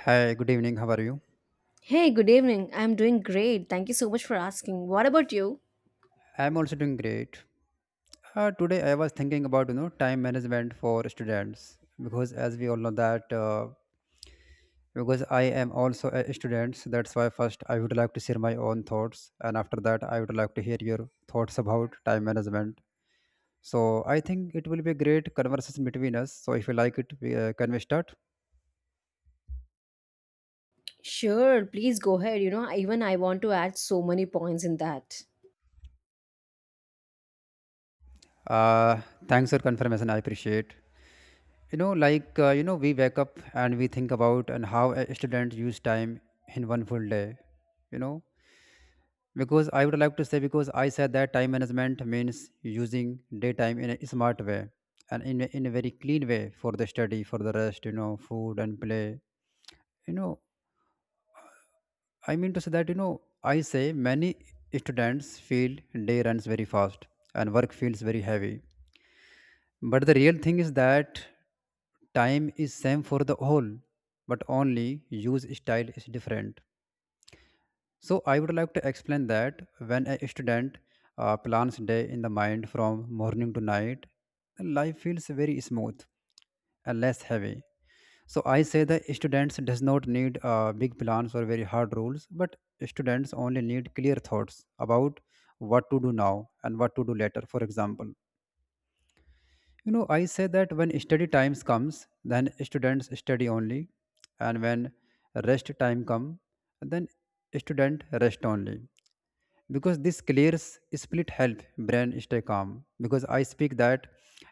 Hi, good evening. How are you? Hey, good evening. I'm doing great. Thank you so much for asking. What about you? I'm also doing great. Today I was thinking about time management for students because as we all know that because I am also a student, so that's why first I would like to share my own thoughts, and after that I would like to hear your thoughts about time management. So I think it will be a great conversation between us. So if you like it, can we start? Sure, please go ahead. You know, even I want to add so many points in that. Uh, Thanks for confirmation. I appreciate. You know, we wake up and we think about and how a student use time in one full day, you know, because I would like to say because I said that time management means using daytime in a smart way and in a very clean way for the study, for the rest, you know, food and play know I mean to say that, you know, I say many students feel day runs very fast and work feels very heavy. But the real thing is that time is same for the all, but only use style is different. So I would like to explain that when a student plans day in the mind from morning to night, life feels very smooth and less heavy. So I say that students does not need big plans or very hard rules, but students only need clear thoughts about what to do now and what to do later. For example, you know, I say that when study times comes, then students study only, and when rest time come, then student rest only. Because this clears split help brain stay calm. Because I speak that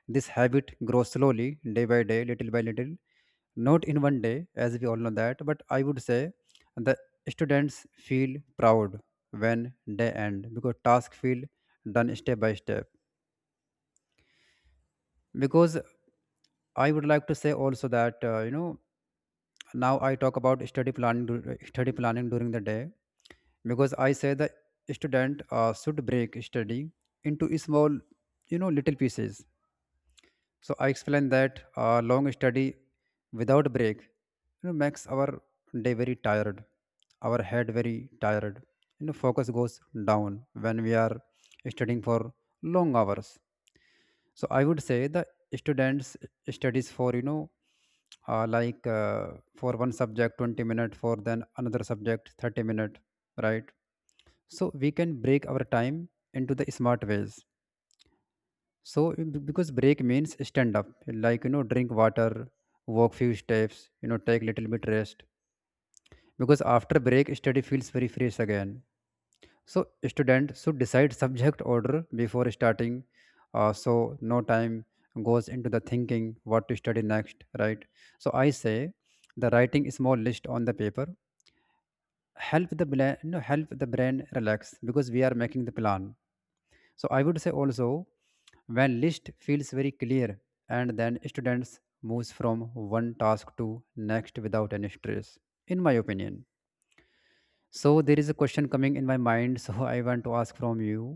this habit grows slowly, day by day, little by little, not in one day, as we all know that. But I would say the students feel proud when they end because task feel done step by step because I would like to say also that now I talk about study planning during the day because I say the student should break study into small, you know, little pieces. So I explain that long study without break, you know, makes our day very tired, our head very tired. You know focus goes down when we are studying for long hours, so I would say the students studies for, you know, uh, like uh, for one subject 20 minute for then another subject 30 minute, right? So we can break our time into the smart ways. So because break means stand up, like, you know, drink water, walk few steps, you know, take little bit rest because after break study feels very fresh again. So student should decide subject order before starting, so no time goes into the thinking what to study next, right? So I say the writing small list on the paper help the bla- you know, help the brain relax because we are making the plan. So I would say also when list feels very clear and then students moves from one task to next without any stress, in my opinion. So there is a question coming in my mind so I want to ask from you.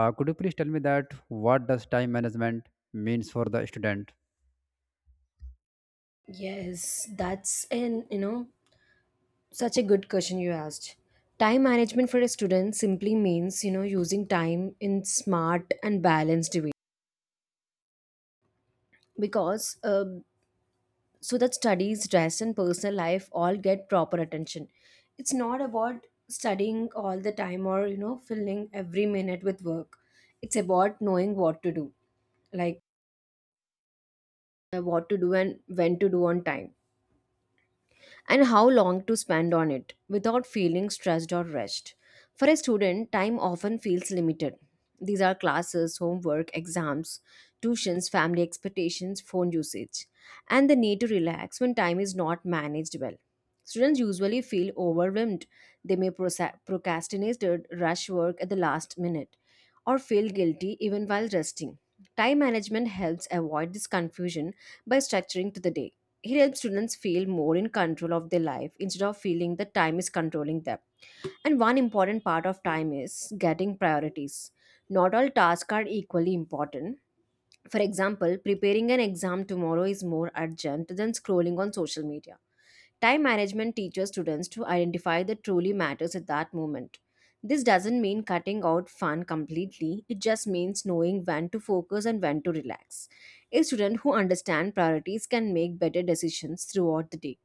Could you please tell me that what does time management means for the student? Yes, that's such a good question you asked. Time management for a student simply means, using time in smart and balanced way because so that studies dress and personal life all get proper attention. It's not about studying all the time or filling every minute with work. It's about knowing what to do like and when to do on time and how long to spend on it without feeling stressed or rushed. For a student, time often feels limited. These are classes, homework, exams, tuitions, family expectations, phone usage, and the need to relax when time is not managed well. Students usually feel overwhelmed. They may procrastinate or rush work at the last minute or feel guilty even while resting. Time management helps avoid this confusion by structuring to the day. He helps students feel more in control of their life instead of feeling that time is controlling them. And one important part of time is getting priorities. Not all tasks are equally important. For example, preparing an exam tomorrow is more urgent than scrolling on social media. Time management teaches students to identify that truly matters at that moment. This doesn't mean cutting out fun completely, it just means knowing when to focus and when to relax. A student who understands priorities can make better decisions throughout the day.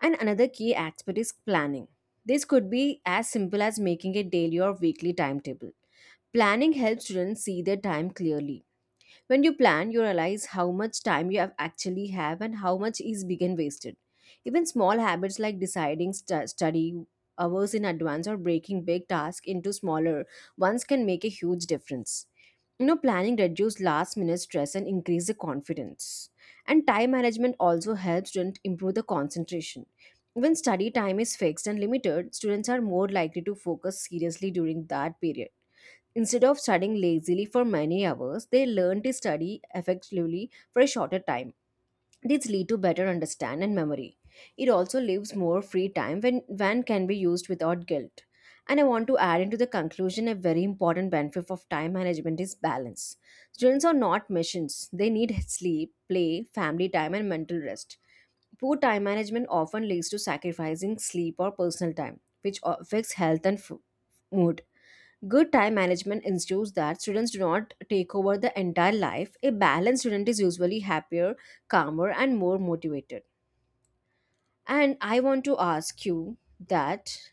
And another key aspect is planning. This could be as simple as making a daily or weekly timetable. Planning helps students see their time clearly. When you plan, you realize how much time you have actually have and how much is being wasted. Even small habits like deciding study hours in advance or breaking big tasks into smaller ones can make a huge difference. Planning reduces last minute stress and increase the confidence. And time management also helps students improve the concentration. When study time is fixed and limited, students are more likely to focus seriously during that period. Instead of studying lazily for many hours, they learn to study effectively for a shorter time. This leads to better understand and memory. It also leaves more free time when can be used without guilt. And I want to add into the conclusion a very important benefit of time management is balance. Students are not machines. They need sleep, play, family time and mental rest. Poor time management often leads to sacrificing sleep or personal time, which affects health and mood. Good time management ensures that students do not take over the entire life. A balanced student is usually happier, calmer, and more motivated. And I want to ask you that,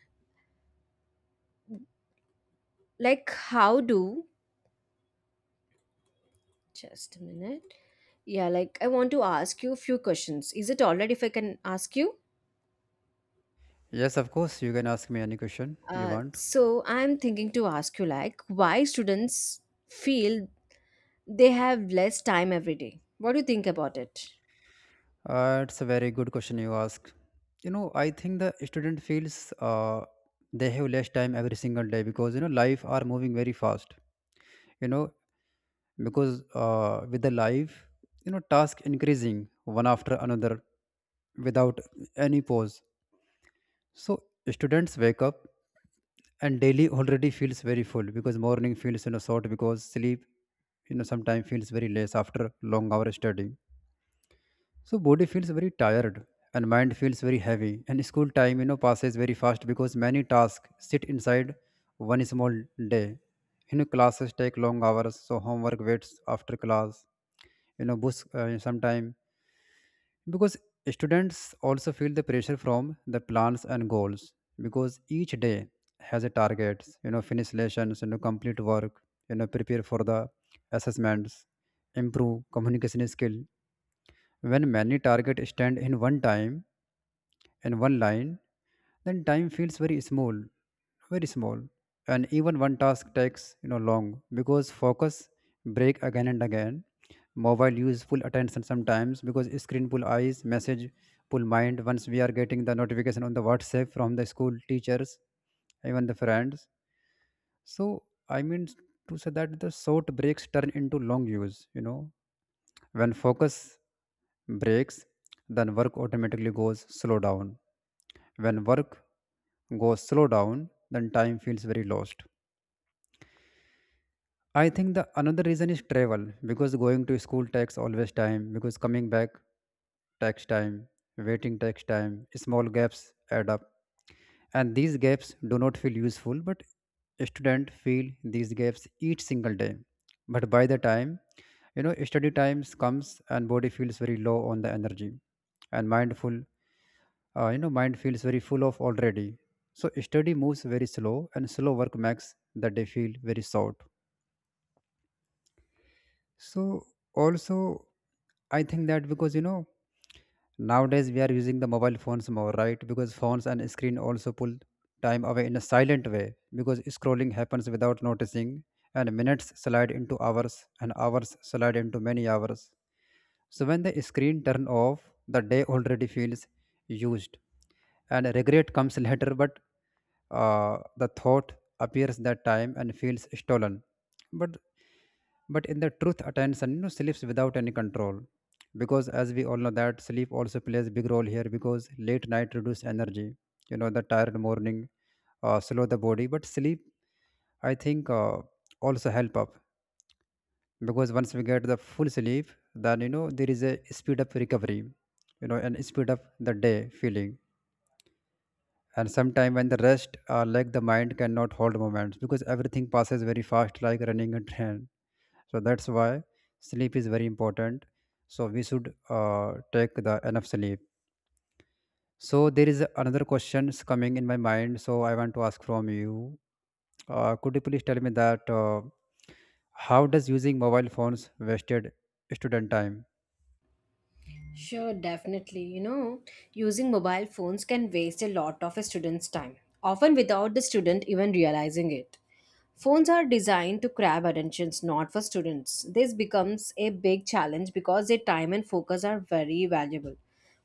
like, just a minute. Yeah, like, I want to ask you a few questions. Is it all right if I can ask you? Yes, of course. You can ask me any question you Uh, want. so I'm thinking to ask you, like, why students feel they have less time every day. What do you think about it? It's a very good question you ask. You know, I think the student feels they have less time every single day because, you know, life are moving very fast. You know, because with the life, you know, task increasing one after another without any pause. So students wake up and daily already feels very full because morning feels, you know, short because sleep, you know, sometimes feels very less after long hour studying. So body feels very tired and mind feels very heavy and school time, you know, passes very fast because many tasks sit inside one small day. You know classes take long hours so homework waits after class. You know books sometimes because students also feel the pressure from the plans and goals because each day has a targets, you know, finish lessons, you know, complete work, you know, prepare for the assessments, improve communication skill. When many targets stand in one time, in one line, then time feels very small, very small, and even one task takes, you know, long because focus break again and again. Mobile use full attention sometimes because screen pull eyes, message pull mind once we are getting the notification on the WhatsApp from the school teachers, even the friends. So I mean to say that the short breaks turn into long use, you know, when focus breaks, then work automatically goes slow down. When work goes slow down, then time feels very lost. I think the another reason is travel because going to school takes always time because coming back takes time, waiting takes time, small gaps add up. And these gaps do not feel useful, but students feel these gaps each single day. But by the time, you know, study times comes and body feels very low on the energy and mindful, you know, mind feels very full of already. So study moves very slow and slow work makes the day feel very short. So also I think that because, you know, nowadays we are using the mobile phones more, right? Because phones and screen also pull time away in a silent way because scrolling happens without noticing and minutes slide into hours and hours slide into many hours. So when the screen turn off, the day already feels used and regret comes later but the thought appears that time and feels stolen. But but in the truth attention, you know, sleeps without any control because as we all know that sleep also plays a big role here because late night reduce energy, you know, the tired morning slow the body but sleep I think also help up because once we get the full sleep, then, you know, there is a speed up recovery, you know, and speed up the day feeling. And sometime when the rest, like the mind cannot hold moments because everything passes very fast like running a train. So that's why sleep is very important, so we should take the enough sleep. So there is another questions coming in my mind so I want to ask from you. Could you please tell me that how does using mobile phones wasted student time? Sure, definitely. Using mobile phones can waste a lot of a student's time, often without the student even realizing it. Phones are designed to grab attentions, not for students. This becomes a big challenge because their time and focus are very valuable.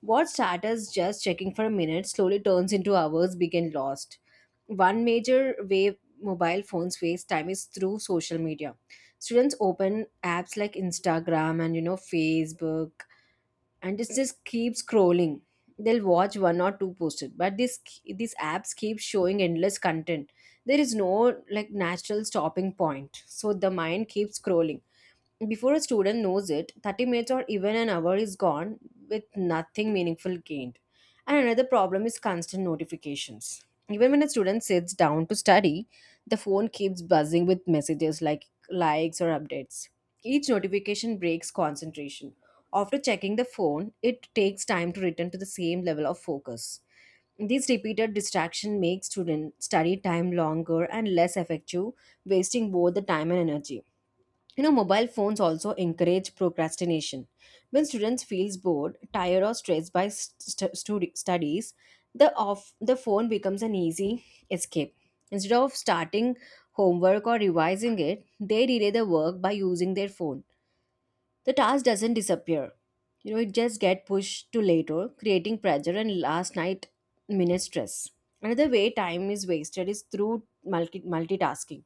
What started as just checking for a minute slowly turns into hours being lost. One major way mobile phones waste time is through social media. Students open apps like Instagram and Facebook, and it just keeps scrolling. They'll watch one or two posted, but this these apps keep showing endless content. There is no like natural stopping point, so the mind keeps scrolling. Before a student knows it, 30 minutes or even an hour is gone with nothing meaningful gained. And another problem is constant notifications. Even when a student sits down to study, the phone keeps buzzing with messages like likes or updates. Each notification breaks concentration. After checking the phone, it takes time to return to the same level of focus. This repeated distraction makes student study time longer and less effective, wasting both the time and energy. Mobile phones also encourage procrastination. When students feels bored, tired, or stressed by studies, the off the phone becomes an easy escape. Instead of starting homework or revising it, they delay the work by using their phone. The task doesn't disappear. It just get pushed to later, creating pressure and last night minute stress. Another way time is wasted is through multitasking,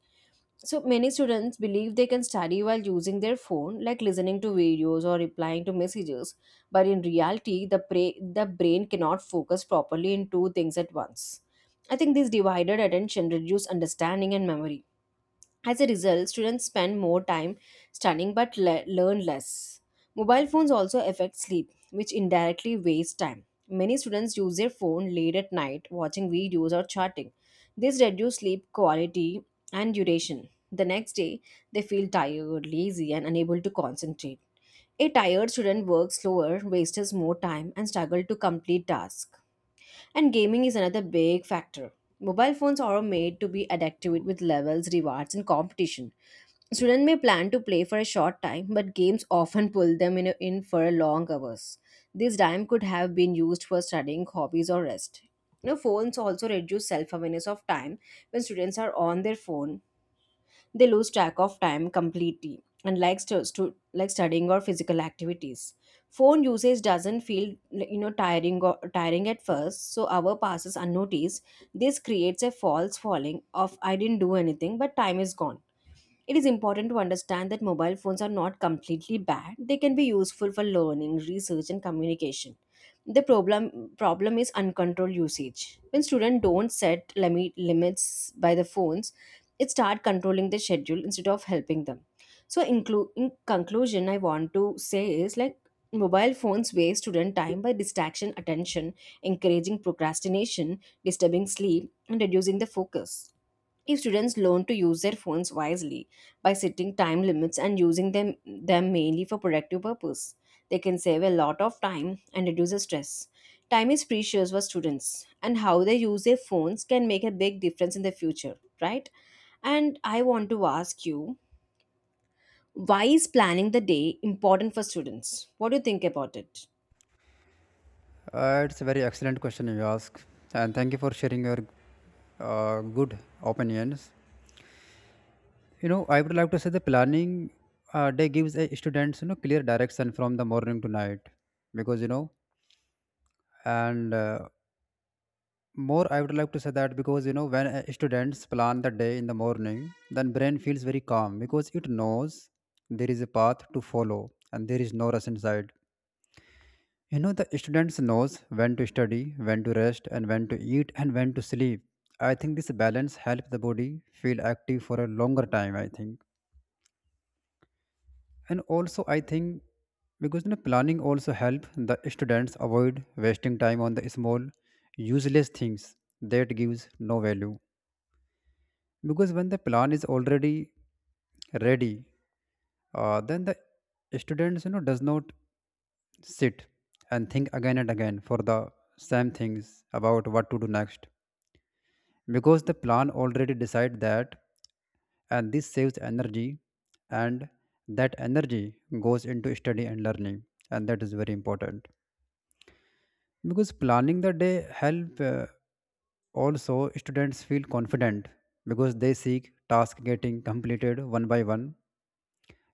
so many students believe they can study while using their phone, like listening to videos or replying to messages. But in reality, the brain cannot focus properly in two things at once. I think this divided attention reduces understanding and memory. As a result, students spend more time studying but learn less. Mobile phones also affect sleep, which indirectly wastes time. Many students use their phone late at night, watching videos or chatting. This reduces sleep quality and duration. The next day, they feel tired, lazy, and unable to concentrate. A tired student works slower, wastes more time, and struggles to complete tasks. And gaming is another big factor. Mobile phones are made to be addictive with levels, rewards, and competition. Students may plan to play for a short time, but games often pull them in for long hours. This time could have been used for studying, hobbies, or rest. Phones also reduce self awareness of time. When students are on their phone, they lose track of time completely, unlike studying or physical activities. Phone usage doesn't feel like, tiring at first, so hour passes unnoticed. This creates a false falling of I didn't do anything, but time is gone. It is important to understand that mobile phones are not completely bad. They can be useful for learning, research, and communication. The problem is uncontrolled usage. When students don't set limits by the phones, it start controlling their schedule instead of helping them. So, in conclusion, I want to say is like mobile phones waste student time by distraction attention, encouraging procrastination, disturbing sleep, and reducing the focus. If students learn to use their phones wisely by setting time limits and using them mainly for productive purpose, they can save a lot of time and reduce the stress. Time is precious for students, and how they use their phones can make a big difference in the future, right? And I want to ask you, why is planning the day important for students? What do you think about it? It's a very excellent question you ask and thank you for sharing your good opinions. You know, I would like to say the planning day gives a students, you know, clear direction from the morning to night because, you know, and more I would like to say that because, you know, when students plan the day in the morning, then brain feels very calm because it knows there is a path to follow and there is no rush inside. You know, the students knows when to study, when to rest, and when to eat, and when to sleep. I think this balance helps the body feel active for a longer time, I think. And also I think, because, you know, planning also help the students avoid wasting time on the small useless things that gives no value because when the plan is already ready, then the students, you know, does not sit and think again and again for the same things about what to do next because the plan already decide that, and this saves energy, and that energy goes into study and learning, and that is very important because planning the day help, also students feel confident because they seek task getting completed one by one,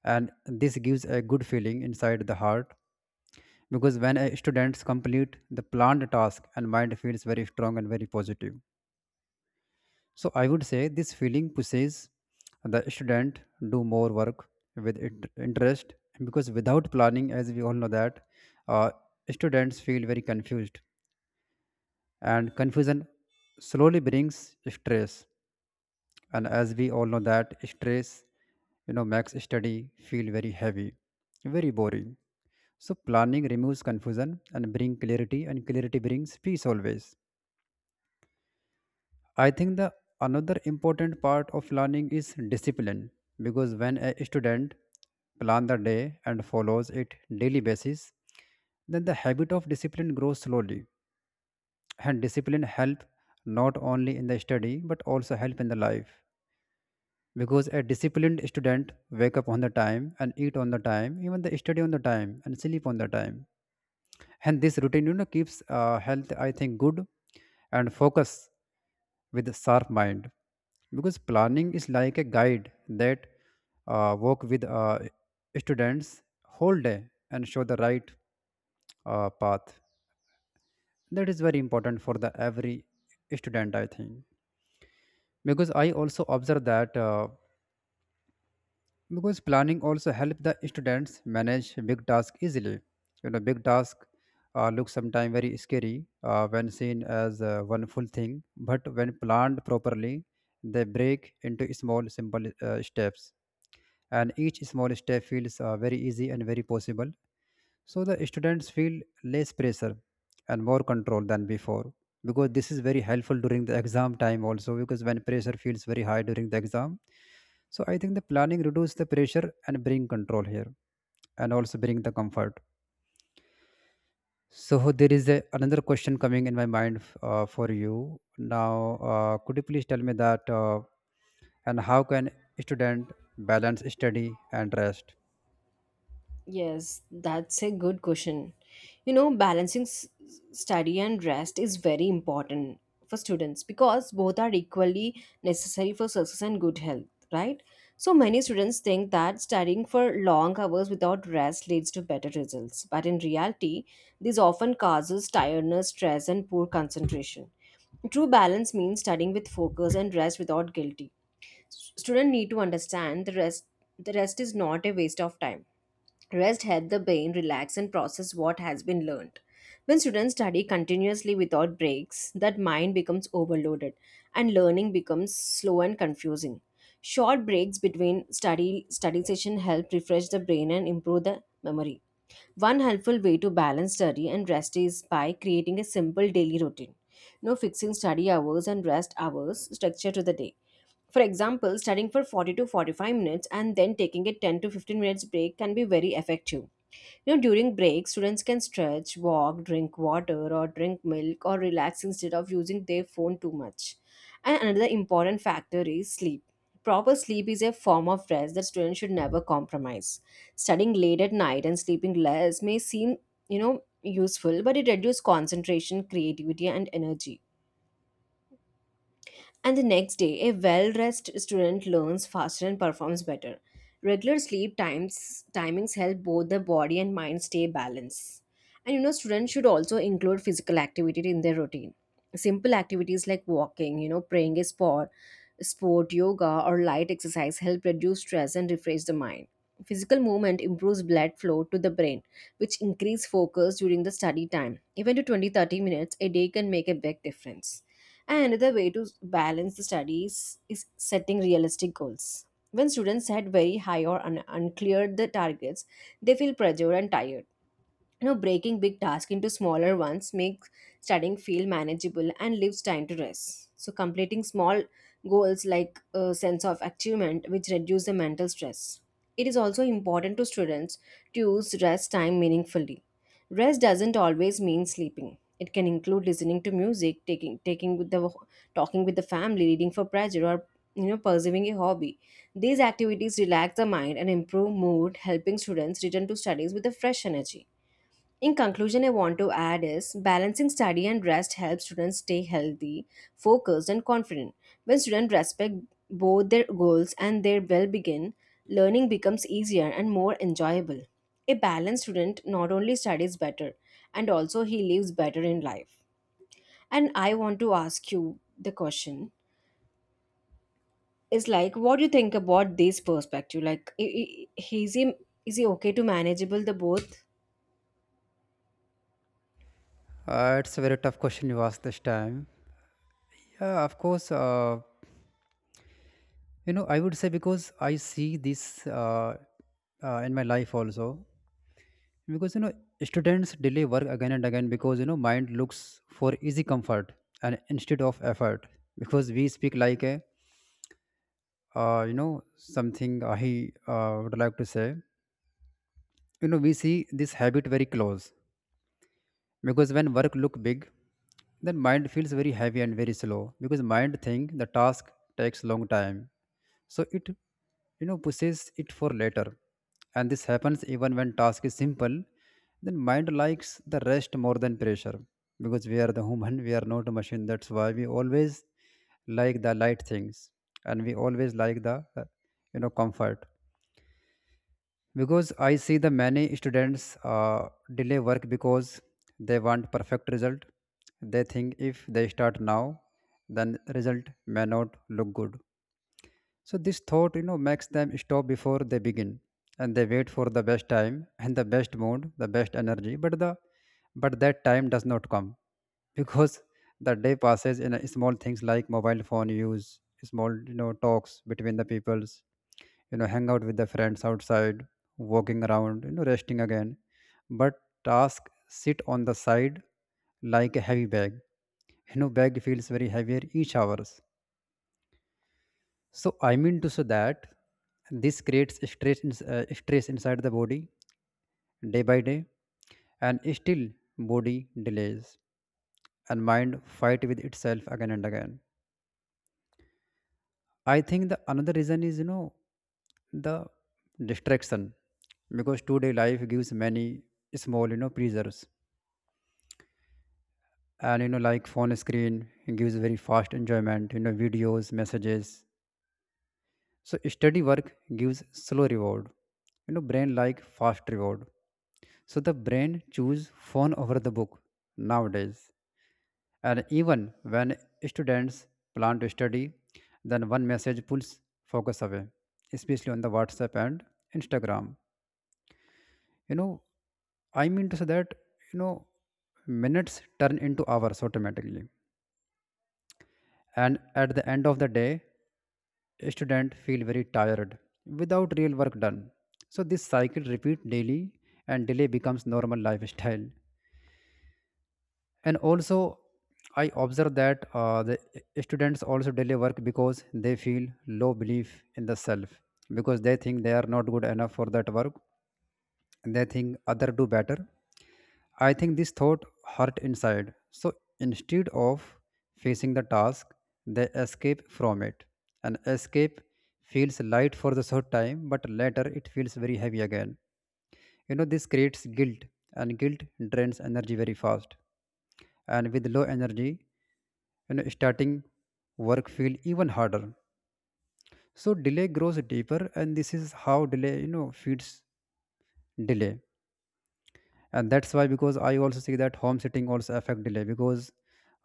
and this gives a good feeling inside the heart because when a students complete the planned task and mind feels very strong and very positive. So I would say this feeling pushes the student do more work with interest because without planning as we all know that uh, students feel very confused and confusion slowly brings stress, and as we all know that stress, you know, makes study feel very heavy, very boring. So planning removes confusion and bring clarity, and clarity brings peace always. I think the another important part of learning is discipline because when a student plan the day and follows it daily basis, then the habit of discipline grows slowly, and discipline help not only in the study but also help in the life because a disciplined student wake up on the time and eat on the time even the study on the time and sleep on the time. And this routine, you know, keeps health I think good and focus with a sharp mind because planning is like a guide that Work with students whole day and show the right path that is very important for the every student, I think. Because I also observe that because planning also help the students manage big task easily. You know, big task looks sometimes very scary when seen as one full thing, but when planned properly, they break into small simple steps, and each small step feels very easy and very possible. So the students feel less pressure and more control than before. Because this is very helpful during the exam time also, because when pressure feels very high during the exam, so I think the planning reduce the pressure and bring control here, and also bring the comfort. So there is a, another question coming in my mind for you now. Could you please tell me that and how can student balance study and rest? Yes, that's a good question. Balancing study and rest is very important for students because both are equally necessary for success and good health, right? So many students think that studying for long hours without rest leads to better results, but in reality, this often causes tiredness, stress, and poor concentration. True balance means studying with focus and rest without guilty. Students need to understand the rest is not a waste of time. Rest helps the brain relax and process what has been learned. When students study continuously without breaks, that mind becomes overloaded and learning becomes slow and confusing. Short breaks between study session help refresh the brain and improve the memory. One helpful way to balance study and rest is by creating a simple daily routine. No fixing study hours and rest hours structure to the day. For example, studying for 40 to 45 minutes and then taking a 10 to 15 minutes break can be very effective. During breaks, students can stretch, walk, drink water, or drink milk, or relax instead of using their phone too much. And another important factor is sleep. Proper sleep is a form of rest that students should never compromise. Studying late at night and sleeping less may seem, useful, but it reduces concentration, creativity, and energy. And the next day, a well dressed student learns faster and performs better. Regular sleep times timings help both the body and mind stay balanced. And students should also include physical activity in their routine. Simple activities like walking, praying a sport, yoga, or light exercise help reduce stress and refresh the mind. Physical movement improves blood flow to the brain, which increase focus during the study time. Even to 20-30 minutes a day can make a big difference. And another way to balance the studies is setting realistic goals. When students set very high or unclear the targets, they feel pressured and tired. Breaking big tasks into smaller ones makes studying feel manageable and leaves time to rest, so completing small goals like a sense of achievement which reduce the mental stress. It is also important to students to use rest time meaningfully. Rest doesn't always mean sleeping. It can include listening to music, taking taking with the talking with the family, reading for pleasure, or pursuing a hobby. These activities relax the mind and improve mood, helping students return to studies with a fresh energy. In conclusion, I want to add is balancing study and rest helps students stay healthy, focused, and confident. When students respect both their goals and their well-being, learning becomes easier and more enjoyable. A balanced student not only studies better and also he lives better in life. And I want to ask you the question is like what do you think about this perspective? Like is he is he okay to manageable the both? It's a very tough question you asked this time. Yeah, of course. You know, I would say because I see this in my life also. Because you know, students delay work again and again because you know mind looks for easy comfort and instead of effort. Because we speak like a you know, something I would like to say. You know, we see this habit very close, because when work look big, then mind feels very heavy and very slow, because mind think the task takes long time, so it, you know, pushes it for later. And this happens even when task is simple. Then mind likes the rest more than pressure, because we are the human, we are not a machine, that's why we always like the light things, and we always like the you know, comfort. Because I see the many students delay work because they want perfect result. They think if they start now, then result may not look good. So this thought, you know, makes them stop before they begin, and they wait for the best time and the best mood the best energy, but that time does not come. Because the day passes in a small things like mobile phone use, small, you know, talks between the peoples, you know, hang out with the friends outside, walking around, you know, resting again, but task sit on the side like a heavy bag. You know, bag feels very heavier each hours. So I mean to say that this creates stress stress inside the body day by day, and still body delays, and mind fight with itself again and again. I think the another reason is, you know, the distraction, because today life gives many small, you know, pleasures, and you know, like phone screen gives very fast enjoyment, you know, videos, messages. So steady work gives slow reward. You know, brain like fast reward, so the brain choose phone over the book nowadays. And even when students plan to study, then one message pulls focus away, especially on the WhatsApp and Instagram. You know, I mean to say that, you know, minutes turn into hours automatically. And at the end of the day, a student feel very tired without real work done. So this cycle repeat daily and delay becomes normal lifestyle. And also I observe that the students also delay work because they feel low belief in the self, because they think they are not good enough for that work, and they think other do better. I think this thought hurt inside, so instead of facing the task, they escape from it, and escape feels light for the short time, but later it feels very heavy again. You know, this creates guilt, and guilt drains energy very fast, and with low energy, you know, starting work feel even harder. So delay grows deeper, and this is how delay, you know, feeds delay. And that's why, because I also see that home sitting also affect delay, because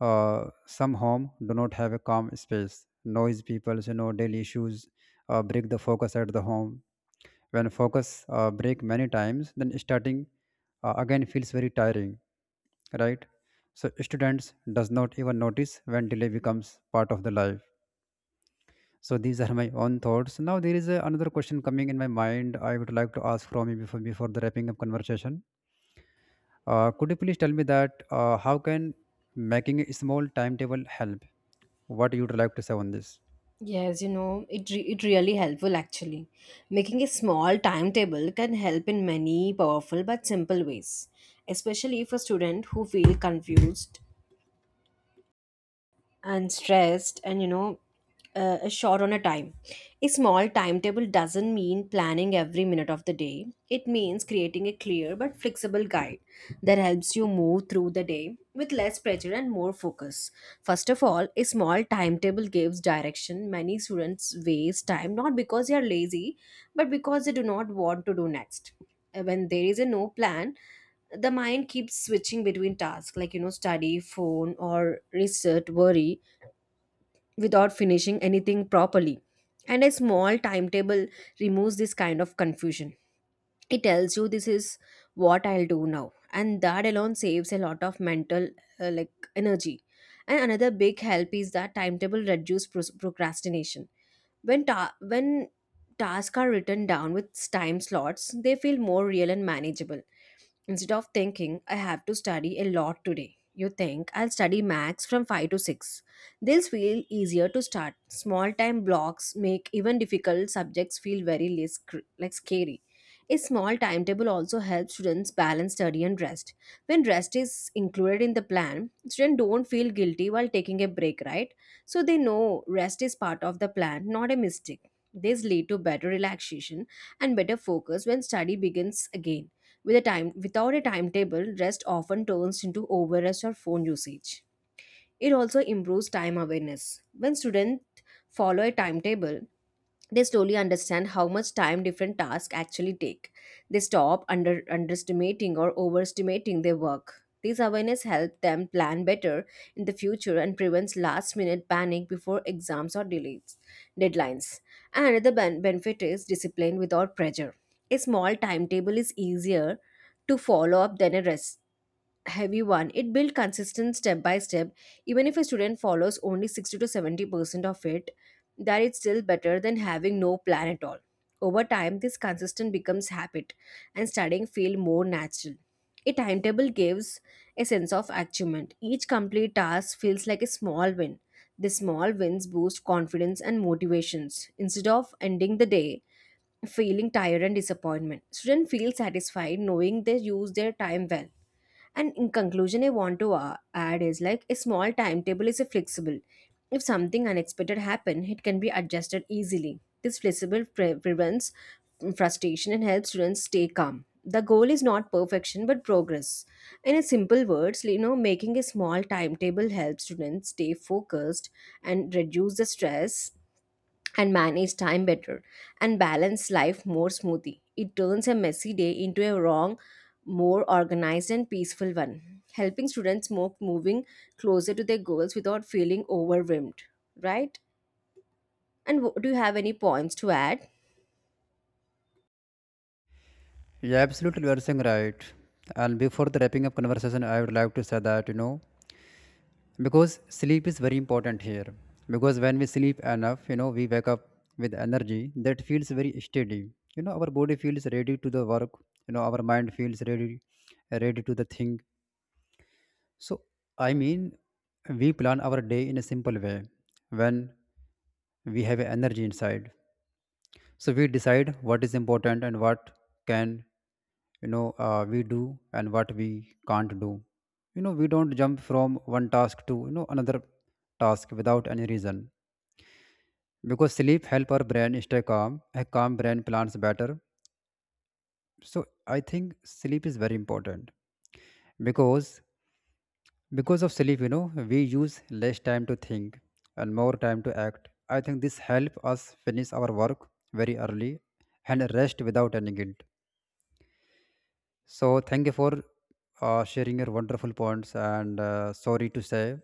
some home do not have a calm space. Noise, people, you know, daily issues break the focus at the home. When focus break many times, then starting again feels very tiring, right? So students does not even notice when delay becomes part of the life. So these are my own thoughts. Now there is a, another question coming in my mind. I would like to ask from you before the wrapping up conversation. Could you please tell me that how can making a small timetable help? What you would like to say on this? Yes, it really helpful actually. Making a small timetable can help in many powerful but simple ways, especially if a student who feel confused and stressed and is short on a time. A small timetable doesn't mean planning every minute of the day. It means creating a clear but flexible guide that helps you move through the day with less pressure and more focus. First of all, a small timetable gives direction. Many students waste time not because they are lazy but because they do not want to do next. When there is a no plan, the mind keeps switching between tasks like study, phone, or research, worry, without finishing anything properly. And a small timetable removes this kind of confusion. It tells you this is what I'll do now, and that alone saves a lot of mental, like, energy. And another big help is that timetable reduce procrastination. When tasks are written down with time slots, they feel more real and manageable. Instead of thinking, I have to study a lot today, you think, I'll study max from 5 to 6. These feel easier to start. Small time blocks make even difficult subjects feel very less like scary. A small timetable also helps students balance study and rest. When rest is included in the plan, students don't feel guilty while taking a break, right? So they know rest is part of the plan, not a mistake. This lead to better relaxation and better focus when study begins again. Without a timetable, rest often turns into overrest or phone usage. It also improves time awareness. When students follow a timetable, they slowly understand how much time different tasks actually take. They stop underestimating or overestimating their work. These awareness help them plan better in the future and prevents last minute panic before exams or delays, deadlines. And another benefit is discipline without pressure. A small timetable is easier to follow up than a rest heavy one. It built consistent step by step. Even if a student follows only 60 to 70% of it, that is still better than having no plan at all. Over time, this consistent becomes habit and studying feel more natural. A timetable gives a sense of achievement. Each complete task feels like a small win. The small wins boost confidence and motivations. Instead of ending the day feeling tired and disappointment, students feel satisfied knowing they use their time well. And in conclusion, I want to add is like a small timetable is a flexible. If something unexpected happen, it can be adjusted easily. This flexible prevents frustration and helps students stay calm. The goal is not perfection but progress. In a simple words, making a small timetable helps students stay focused and reduce the stress and manage time better and balance life more smoothly. It turns a messy day into a wrong, more organized and peaceful one, helping students more moving closer to their goals without feeling overwhelmed, right? And do you have any points to add? Yeah, absolutely, you are saying right. And before the wrapping up conversation, I would like to say that, you know, because sleep is very important here, because when we sleep enough, you know, we wake up with energy that feels very steady. You know, our body feels ready to the work. You know, our mind feels ready, ready to the thing. So I mean, we plan our day in a simple way. When we have energy inside, so we decide what is important and what can, you know, we do and what we can't do. You know, we don't jump from one task to, you know, another task without any reason, because sleep help our brain stay calm. A calm brain plans better. So I think sleep is very important, because because of sleep, you know, we use less time to think and more time to act. I think this help us finish our work very early and rest without any guilt. So thank you for sharing your wonderful points, and sorry to say,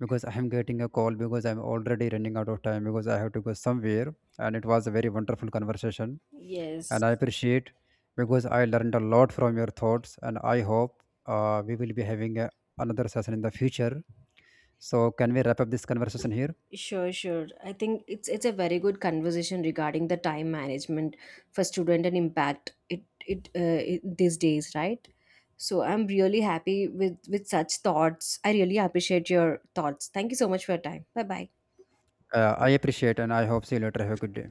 because I am getting a call, because I'm already running out of time, because I have to go somewhere, and it was a very wonderful conversation, Yes. and I appreciate, because I learned a lot from your thoughts, and I hope we will be having a, another session in the future. So can we wrap up this conversation here? Sure, sure. I think it's a very good conversation regarding the time management for student and impact it these days, right? So I'm really happy with such thoughts. I really appreciate your thoughts. Thank you so much for your time. Bye bye. I appreciate and I hope see you later. Have a good day.